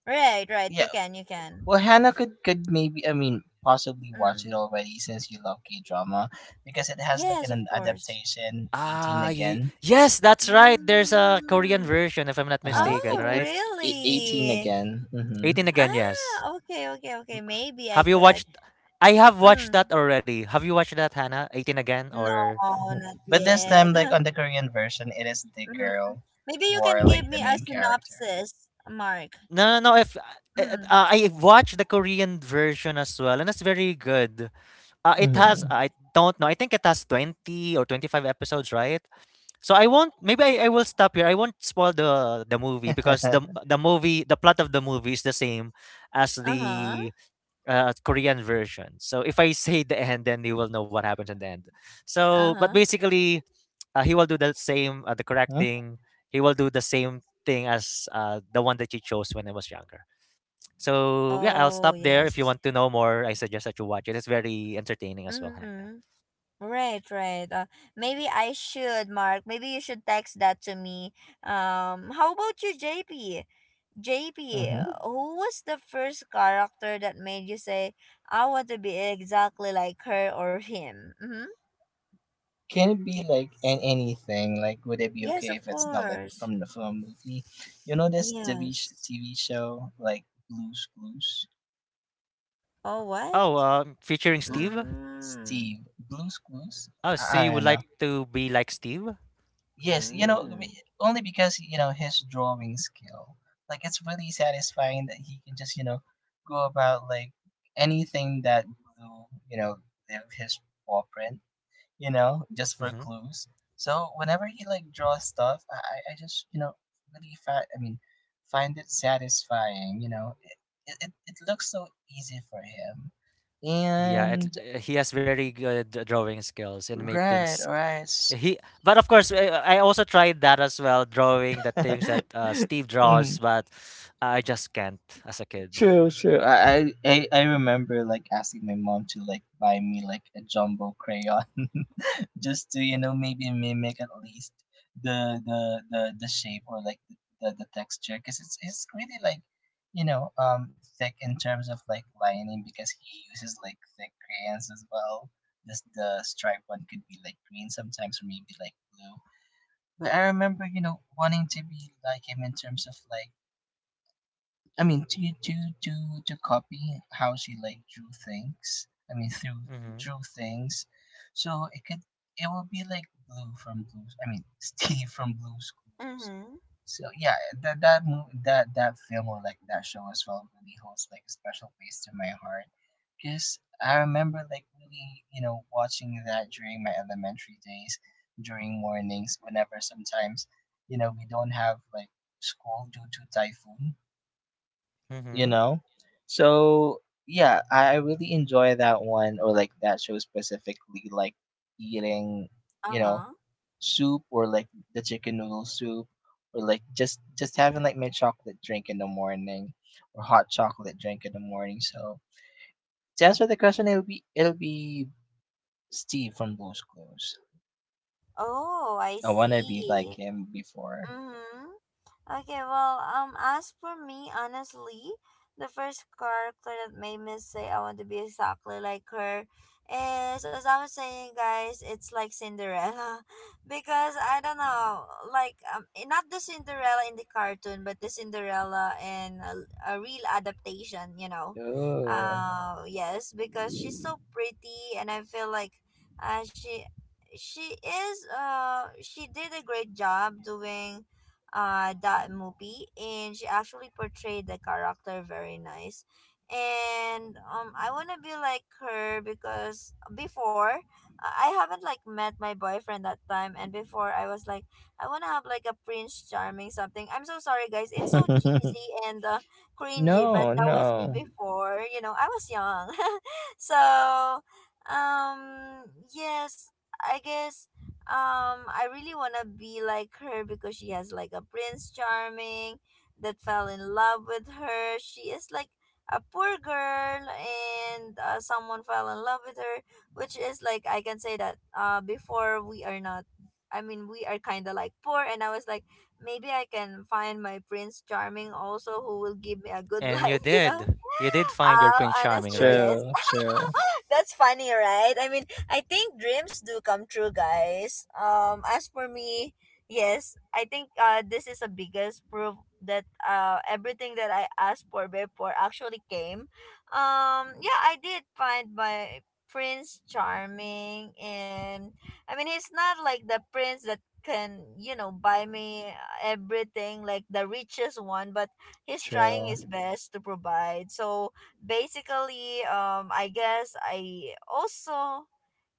Right, right.
Yeah,
You can, you can.
well, Hannah could maybe I mean possibly watch it
Mm.
already since you love K drama because it has
Yes,
like
of
an
course.
adaptation 18 again.
Yes, that's right. There's a Korean
Mm.
version, if I'm not
Uh huh.
mistaken,
It
Oh,
right?
18
really?
again. Mm-hmm.
18 again, yes.
Ah, okay, okay, okay. Maybe I
Have you
could.
watched? I have watched that
Mm.
already. Have you watched that, Hannah? 18 again,
No,
or
Hmm.
not
But this
yet.
time, like on the Korean version, it is the
Mm.
girl
Maybe you
who
can
are like
give
the
me a
main character.
synopsis, Mark.
no, no, no. If uh,
Mm.
I watched the Korean version as well, and it's very good. It has,
Mm-hmm.
I don't know, I think it has 20 or 25 episodes, right? So I won't. Maybe I will stop here. I won't spoil the movie because the the movie the plot of the movie is the same as
Uh-huh.
the Korean version. So if I say the end, then you will know what happens in the end. So, but
Uh-huh.
basically, he will do the same the correct
huh?
thing. He will do the same thing as the one that you chose when I was younger. So yeah, I'll
Oh,
stop there. If you
yes.
want to know more, I suggest that you watch it. It's very entertaining as well, Hannah.
Mm-hmm. Right, right. Maybe I should, Mark. Maybe you should text that to me. How about you, JP? JP,
Mm-hmm.
who was the first character that made you say, "I want to be exactly like her or him?" Mm-hmm.
Can it be like an anything? Like, would it be
Yes,
okay
of
if it's not like
course.
from the film movie? You know this
Yes.
TV show like Blue's Clues.
Oh, what?
Oh, featuring
Bl-
Steve.
Mm.
Steve Blue's Clues.
Oh, so
I,
you would
don't
like
know.
to be like Steve?
Yes, you know, I mean,
Mm.
only because you know his drawing skill. Like it's really satisfying that he can just you know go about like anything that Blue you know leave his paw print, you know, just for
Mm-hmm.
clues. So whenever he like draws stuff, I just you know really find it satisfying. You know, it looks so easy for him.
Yeah,
And
he has very good drawing skills and make
right,
things.
all right.
He, but of course, I also tried that as well, drawing the things that Steve draws,
Mm,
but I just can't as a kid.
true, true. I remember like asking my mom to like buy me like a jumbo crayon just to, you know, maybe mimic at least the shape or like the texture, because it's really like you know thick in terms of like lining, because he uses like thick crayons as well. This the stripe one could be like green sometimes or maybe like blue. But I remember, you know, wanting to be like him in terms of like I mean, to copy how she like drew things. I mean,
Mm-hmm.
drew things, so it could it would be like Blue from blue. I mean, Steve from Blues Clues.
Mm-hmm.
So yeah, that film or like that show as well really holds like a special place in my heart, because I remember like really you know watching that during my elementary days, during mornings whenever sometimes you know we don't have like school due to typhoon, you
Mm-hmm.
know? So yeah, I really enjoy that one or like that show specifically, like eating, you know,
Uh-huh.
soup or like the chicken noodle soup or like just having like my chocolate drink in the morning or hot chocolate drink in the morning. So to answer the question, it'll be Steve from Blue's Clues.
Oh, I
I wanna be like
see.
him before.
Mm-hmm. Okay, well, as for me, honestly, the first character that made me say I want to be exactly like her is, as I was saying, guys, it's like Cinderella. Because I don't know, like, not the Cinderella in the cartoon, but the Cinderella in a real adaptation, you know.
Ooh.
Yes, because she's so pretty, and I feel like uh, she she is she did a great job doing that movie, and she actually portrayed the character very nice. And I want to be like her because before I haven't like met my boyfriend that time, and before I was like I want to have like a prince charming, something. I'm so sorry, guys, it's so cheesy and cringy,
no,
but that was me
no.
before, you know, I was young. So yes, I guess I really want to be like her because she has like a prince charming that fell in love with her. She is like a poor girl, and someone fell in love with her, which is like, I can say that before we are not, I mean we are kind of like poor, and I was like maybe I can find my prince charming also who will give me a good
And
life, you know.
you did find your Prince Charming,
Honestly,
right?
yes.
True, true,
That's funny, right? I mean, I think dreams do come true, guys. As for me, yes, I think this is the biggest proof that everything that I asked for before actually came. Yeah, I did find my prince charming. And I mean, he's not like the prince that can, you know, buy me everything, like the richest one, but he's trying
true.
his best to provide. So basically, I guess I also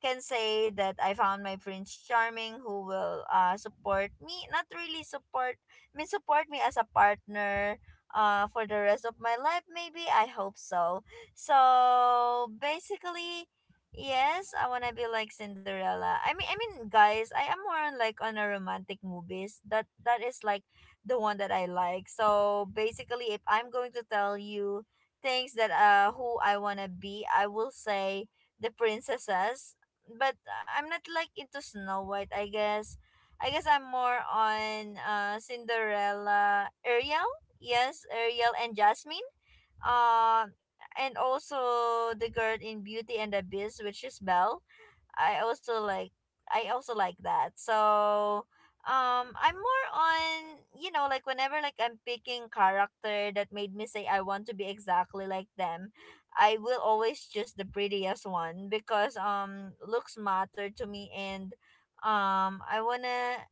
can say that I found my prince charming who will support me, not really support, I mean support me as a partner for the rest of my life, maybe, I hope so. So basically, yes, I want to be like Cinderella. I mean, guys, I am more on like on a romantic movies. That is like the one that I like. So basically, if I'm going to tell you things that who I want to be, I will say the princesses. But I'm not like into Snow White. I guess I'm more on Cinderella, Ariel, yes, Ariel and Jasmine. Uh, and also the girl in Beauty and the Beast, which is Belle. I also like I also like that. So I'm more on, you know, like whenever like I'm picking character that made me say I want to be exactly like them, I will always choose the prettiest one because looks matter to me. And I wanna,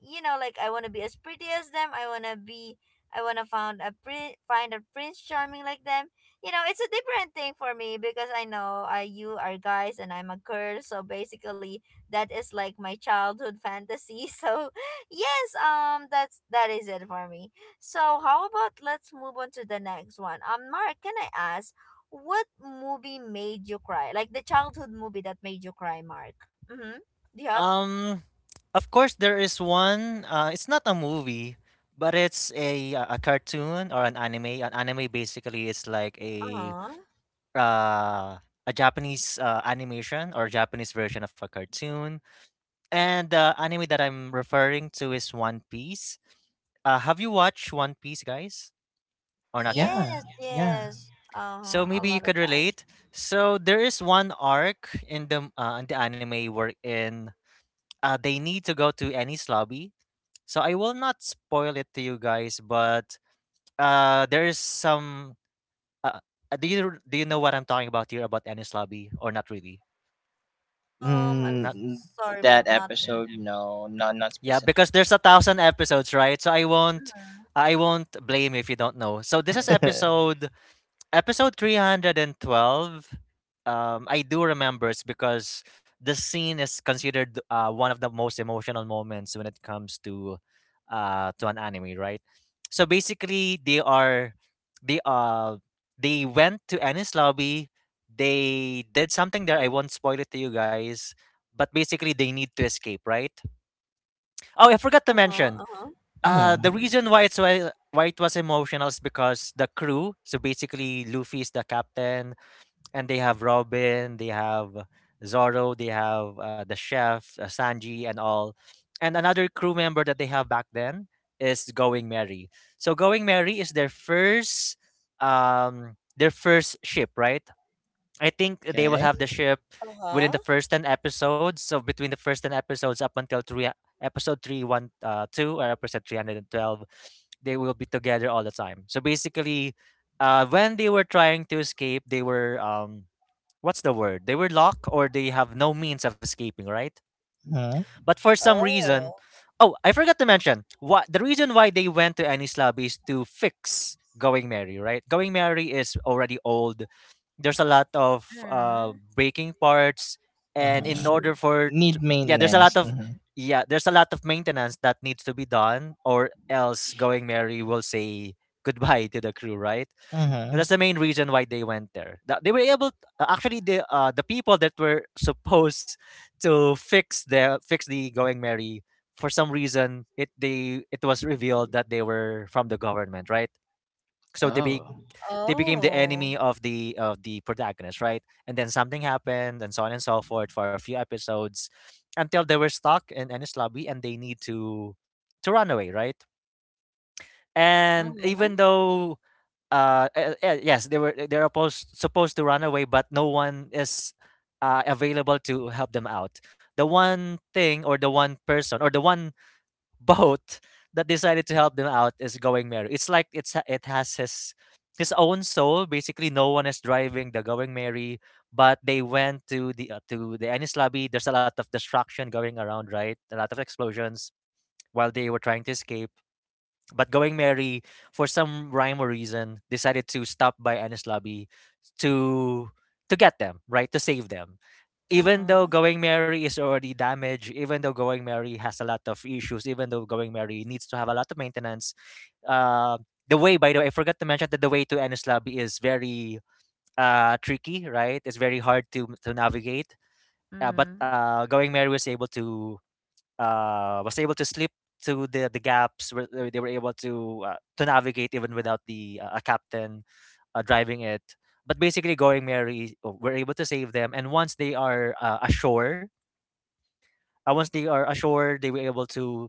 you know, like I wanna be as pretty as them. I wanna find a prince charming like them, you know. It's a different thing for me because I know you are guys and I'm a girl. So basically, that is like my childhood fantasy. So yes, that is it for me. So how about let's move on to the next one. Mark, can I ask what movie made you cry? Like the childhood movie that made you cry, Mark. Mm-hmm. Do you have?
Um, of course, there is one. It's not a movie, but it's a cartoon or an anime. An anime basically is like
Uh huh.
uh a Japanese animation or Japanese version of a cartoon. And the anime that I'm referring to is One Piece. Have you watched One Piece, guys, or not yet?
Yes,
Yeah, yeah.
yes. Uh huh.
So
A
maybe
lot
you
of
could
times.
relate. So there is one arc in the anime wherein they need to go to Enies Lobby. So I will not spoil it to you guys, but there is some. Uh, do you know what I'm talking about here about Ennis Lobby or not really?
I'm
Not.
Mm,
sorry, but
that
not really.
n-
episode, no, not not
Yeah, because there's a
specifically.
thousand episodes, right? So I won't.
Uh
I won't blame if you don't know. So this is episode 312. I do remember it's because the scene is considered one of the most emotional moments when it comes to an anime, right? So basically, they are they uh they went to Ennis Lobby, they did something there, I won't spoil it to you guys, but basically they need to escape, right? Oh, I forgot
huh.
to
Uh
mention,
huh.
the
Mm,
reason why why it was emotional is because the crew. So basically, Luffy is the captain, and they have Robin, they have Zoro, they have the chef, Sanji, and all. And another crew member that they have back then is Going Merry. So Going Merry is their their first ship, right? I think they will
okay.
have the ship within
Uh-huh.
the first 10 episodes. So between the first 10 episodes up until three, e- episode three one two, or episode 312, they will be together all the time. So basically, when they were trying to escape, they were, what's the word? They were locked, or they have no means of escaping, right?
Mm,
But for some reason,
Oh.
oh, I forgot to mention, what the reason why they went to Anislab is to fix Going Merry, right? Going Merry is already old, there's a lot of
Mm.
breaking parts, and in
uh-huh.
order
Issue.
for
Need
yeah,
maintenance. Mm-hmm.
there's a lot of maintenance that needs to be done, or else Going Merry will say goodbye to the crew, right?
Uh
And
huh.
that's the main reason why they went there. They were able, actually the people that were supposed to fix the Going Merry, for some reason it was revealed that they were from the government, right? so they be,
Oh.
they became the
Oh.
enemy of the protagonist, right? And then something happened, and so on and so forth for a few episodes, until they were stuck in Ennis Lobby and they need to run away, right? And
Uh-huh.
even though, yes, they're supposed to run away, but no one is available to help them out. The one thing, or the one person, or the one boat that decided to help them out is Going Merry. It's like it has his own soul. Basically, no one is driving the Going Merry, but they went to the Ennis Lobby. There's a lot of destruction going around, right? A lot of explosions while they were trying to escape. But Going Merry, for some rhyme or reason, decided to stop by Ennis Lobby to get them, right, to save them, even though
Uh-huh.
Going Merry is already damaged, even though Going Merry has a lot of issues, even though Going Merry needs to have a lot of maintenance. uh, the way, by the way, I forgot to mention that the way to Ennis Lobby is very tricky, right? It's very hard to navigate. But
Mm.
Going Merry was able to, was able to slip through the gaps. Where they were able to, to navigate even without the a captain driving it. But basically, Going Merry, we able to save them. And once they are once they are ashore, they were able to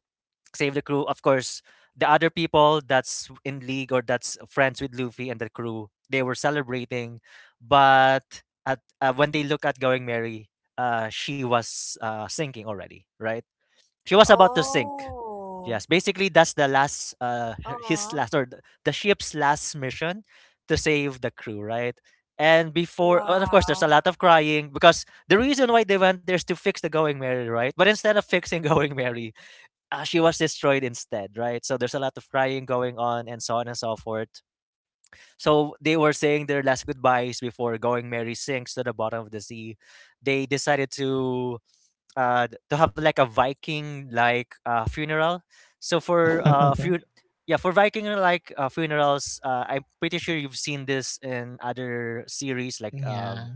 save the crew. Of course, the other people that's in league or that's friends with Luffy and the crew, they were celebrating. But at when they look at Going Mary, she was sinking already, right? She was about to sink.
Oh.
Yes, basically that's the last his
Uh-huh.
last or th- the ship's last mission to save the crew, right? And before, and of course, there's a
Wow.
lot of crying because the reason why they went there is to fix the Going Merry, right? But instead of fixing Going Merry, she was destroyed instead, right? So there's a lot of crying going on, and so on and so forth. So they were saying their last goodbyes before Going Merry sinks to the bottom of the sea. They decided to to have like a Viking like funeral. So for few yeah, for Viking, like funerals, I'm pretty sure you've seen this in other series like
yeah.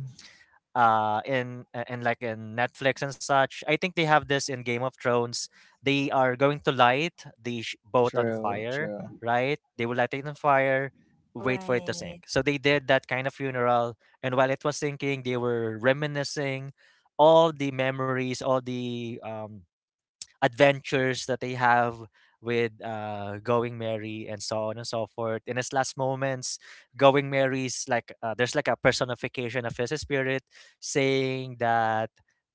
in like in Netflix and such. I think they have this in Game of Thrones. They are going to light boat on
True.
fire,
True.
right? They will light it on fire, wait for it to sink.
Right.
So they did that kind of funeral, and while it was sinking, they were reminiscing all the memories, all the adventures that they have with Going Mary and so on and so forth. In his last moments, Going Mary's like, there's like a personification of his spirit saying that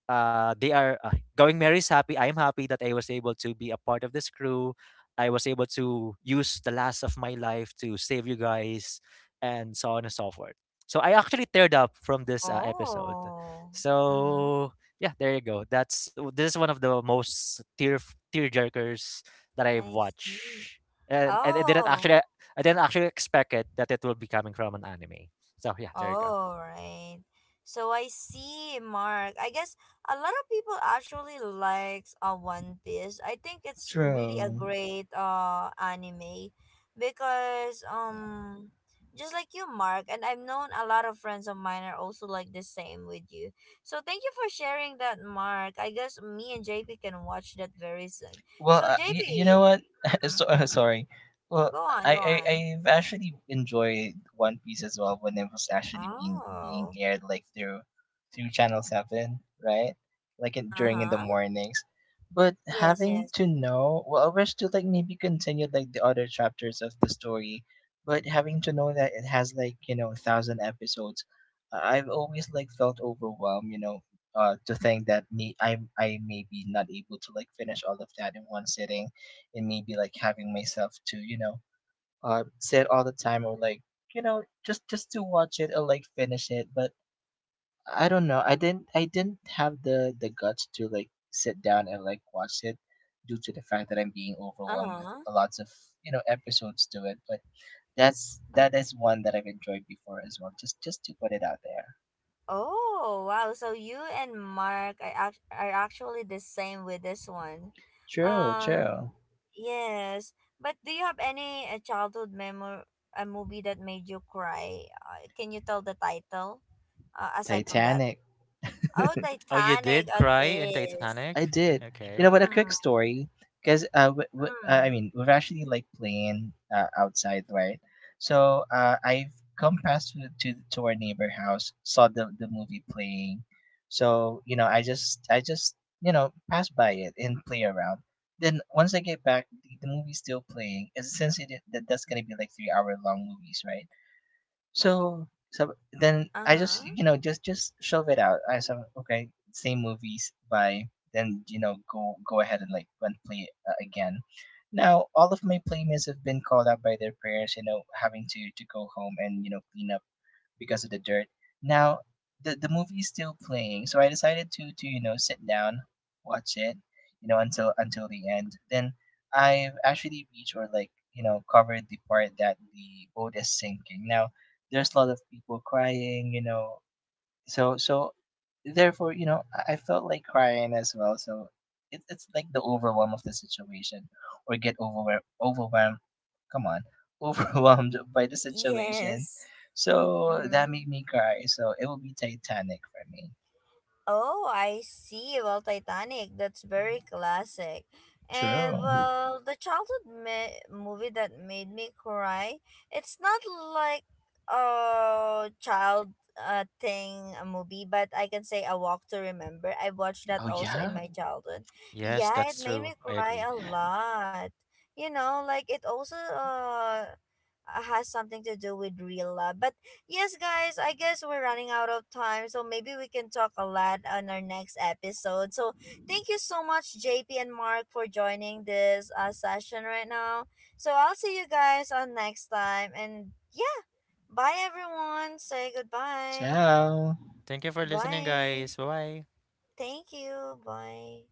they are Going Mary's happy. I am happy that I was able to be a part of this crew. I was able to use the last of my life to save you guys, and so on and so forth. So I actually teared up from this episode.
Oh. Mm.
So yeah, there you go. That's This is one of the most tear jerkers that I
I
watch,
see.
and, I didn't actually,
Oh.
I didn't actually expect it that it will be coming from an anime. So yeah, there you go.
All right. So I see, Mark. I guess a lot of people actually likes One Piece. I think it's really a
True.
great anime because just like you, Mark, and I've known a lot of friends of mine are also like the same with you. So thank you for sharing that, Mark. I guess me and JP can watch that very soon.
Well,
So
you, you know
JP,
what?
mhm,
Sorry. Well,
go
I,
on, go
I
on.
I've actually enjoyed One Piece as well when it was actually being
Oh.
aired like through Channel Seven, right? Like in, during in the
Uh-huh.
mornings. But
Yes,
having
yes.
to know, well, I wish to like maybe continue like the other chapters of the story, but having to know that it has like you know thousand episodes, I've always like felt overwhelmed, you know, to think that me I may be not able to like finish all of that in one sitting, and maybe like having myself to you know sit all the time or like you know just to watch it or like finish it. But I don't know. I didn't have the guts to like sit down and like watch it, due to the fact that I'm being overwhelmed with
Uh-huh.
lots of you know episodes to it. But that is one that I've enjoyed before as well. Just to put it out there.
Oh, wow. So you and Mark are are actually the same with this one.
True,
Um,
true.
yes. But do you have any childhood memory, a movie that made you cry? Can you tell the title? Aside from that.
Titanic.
Oh,
Oh, you
Titanic
did
at
cry in
this.
Titanic.
I did. You
Okay.
know what? A quick
Mm,
story, because I
mm.
mean, we're actually like playing outside, right? So I've come past to, to our neighbor house, saw the movie playing. So you know, I just you know pass by it and play around. Then once I get back, the movie's still playing. As since it, that that's gonna be like 3 hour long movies, right? So so then I just
Uh-huh.
you know just shove it out. I said okay, same movies. Bye. Then you know go ahead and like and play it again. Now all of my playmates have been called out by their parents. You know having to go home and you know clean up because of the dirt. Now, the movie is still playing, so I decided to you know sit down, watch it, you know until the end. Then I've actually reached or like you know covered the part that the boat is sinking. Now, there's a lot of people crying, you know, so so therefore you know I felt like crying as well, so it, it's like the overwhelm of the situation or get overwhelmed overwhelmed, come on, overwhelmed by the situation,
Yes.
so that made
Mm.
me cry, so it will be titanic for me.
Oh, I see. Well, Titanic, that's very classic. And
True.
well, the childhood movie that made me cry, it's not like a child thing, a movie, but I can say A Walk to Remember. I watched that
Oh
also in
yeah.
my childhood.
Yes,
Yeah,
that's
it made
true.
me
I
cry
agree.
a lot. You know, like it also has something to do with real love, but yes, guys, I guess we're running out of time, so maybe we can talk a lot on our next episode. So, thank you so much, JP and Mark, for joining this session right now. So, I'll see you guys on next time. And yeah, bye, everyone. Say goodbye.
Ciao.
Thank you for listening,
Bye.
guys. Bye bye.
Thank you. Bye.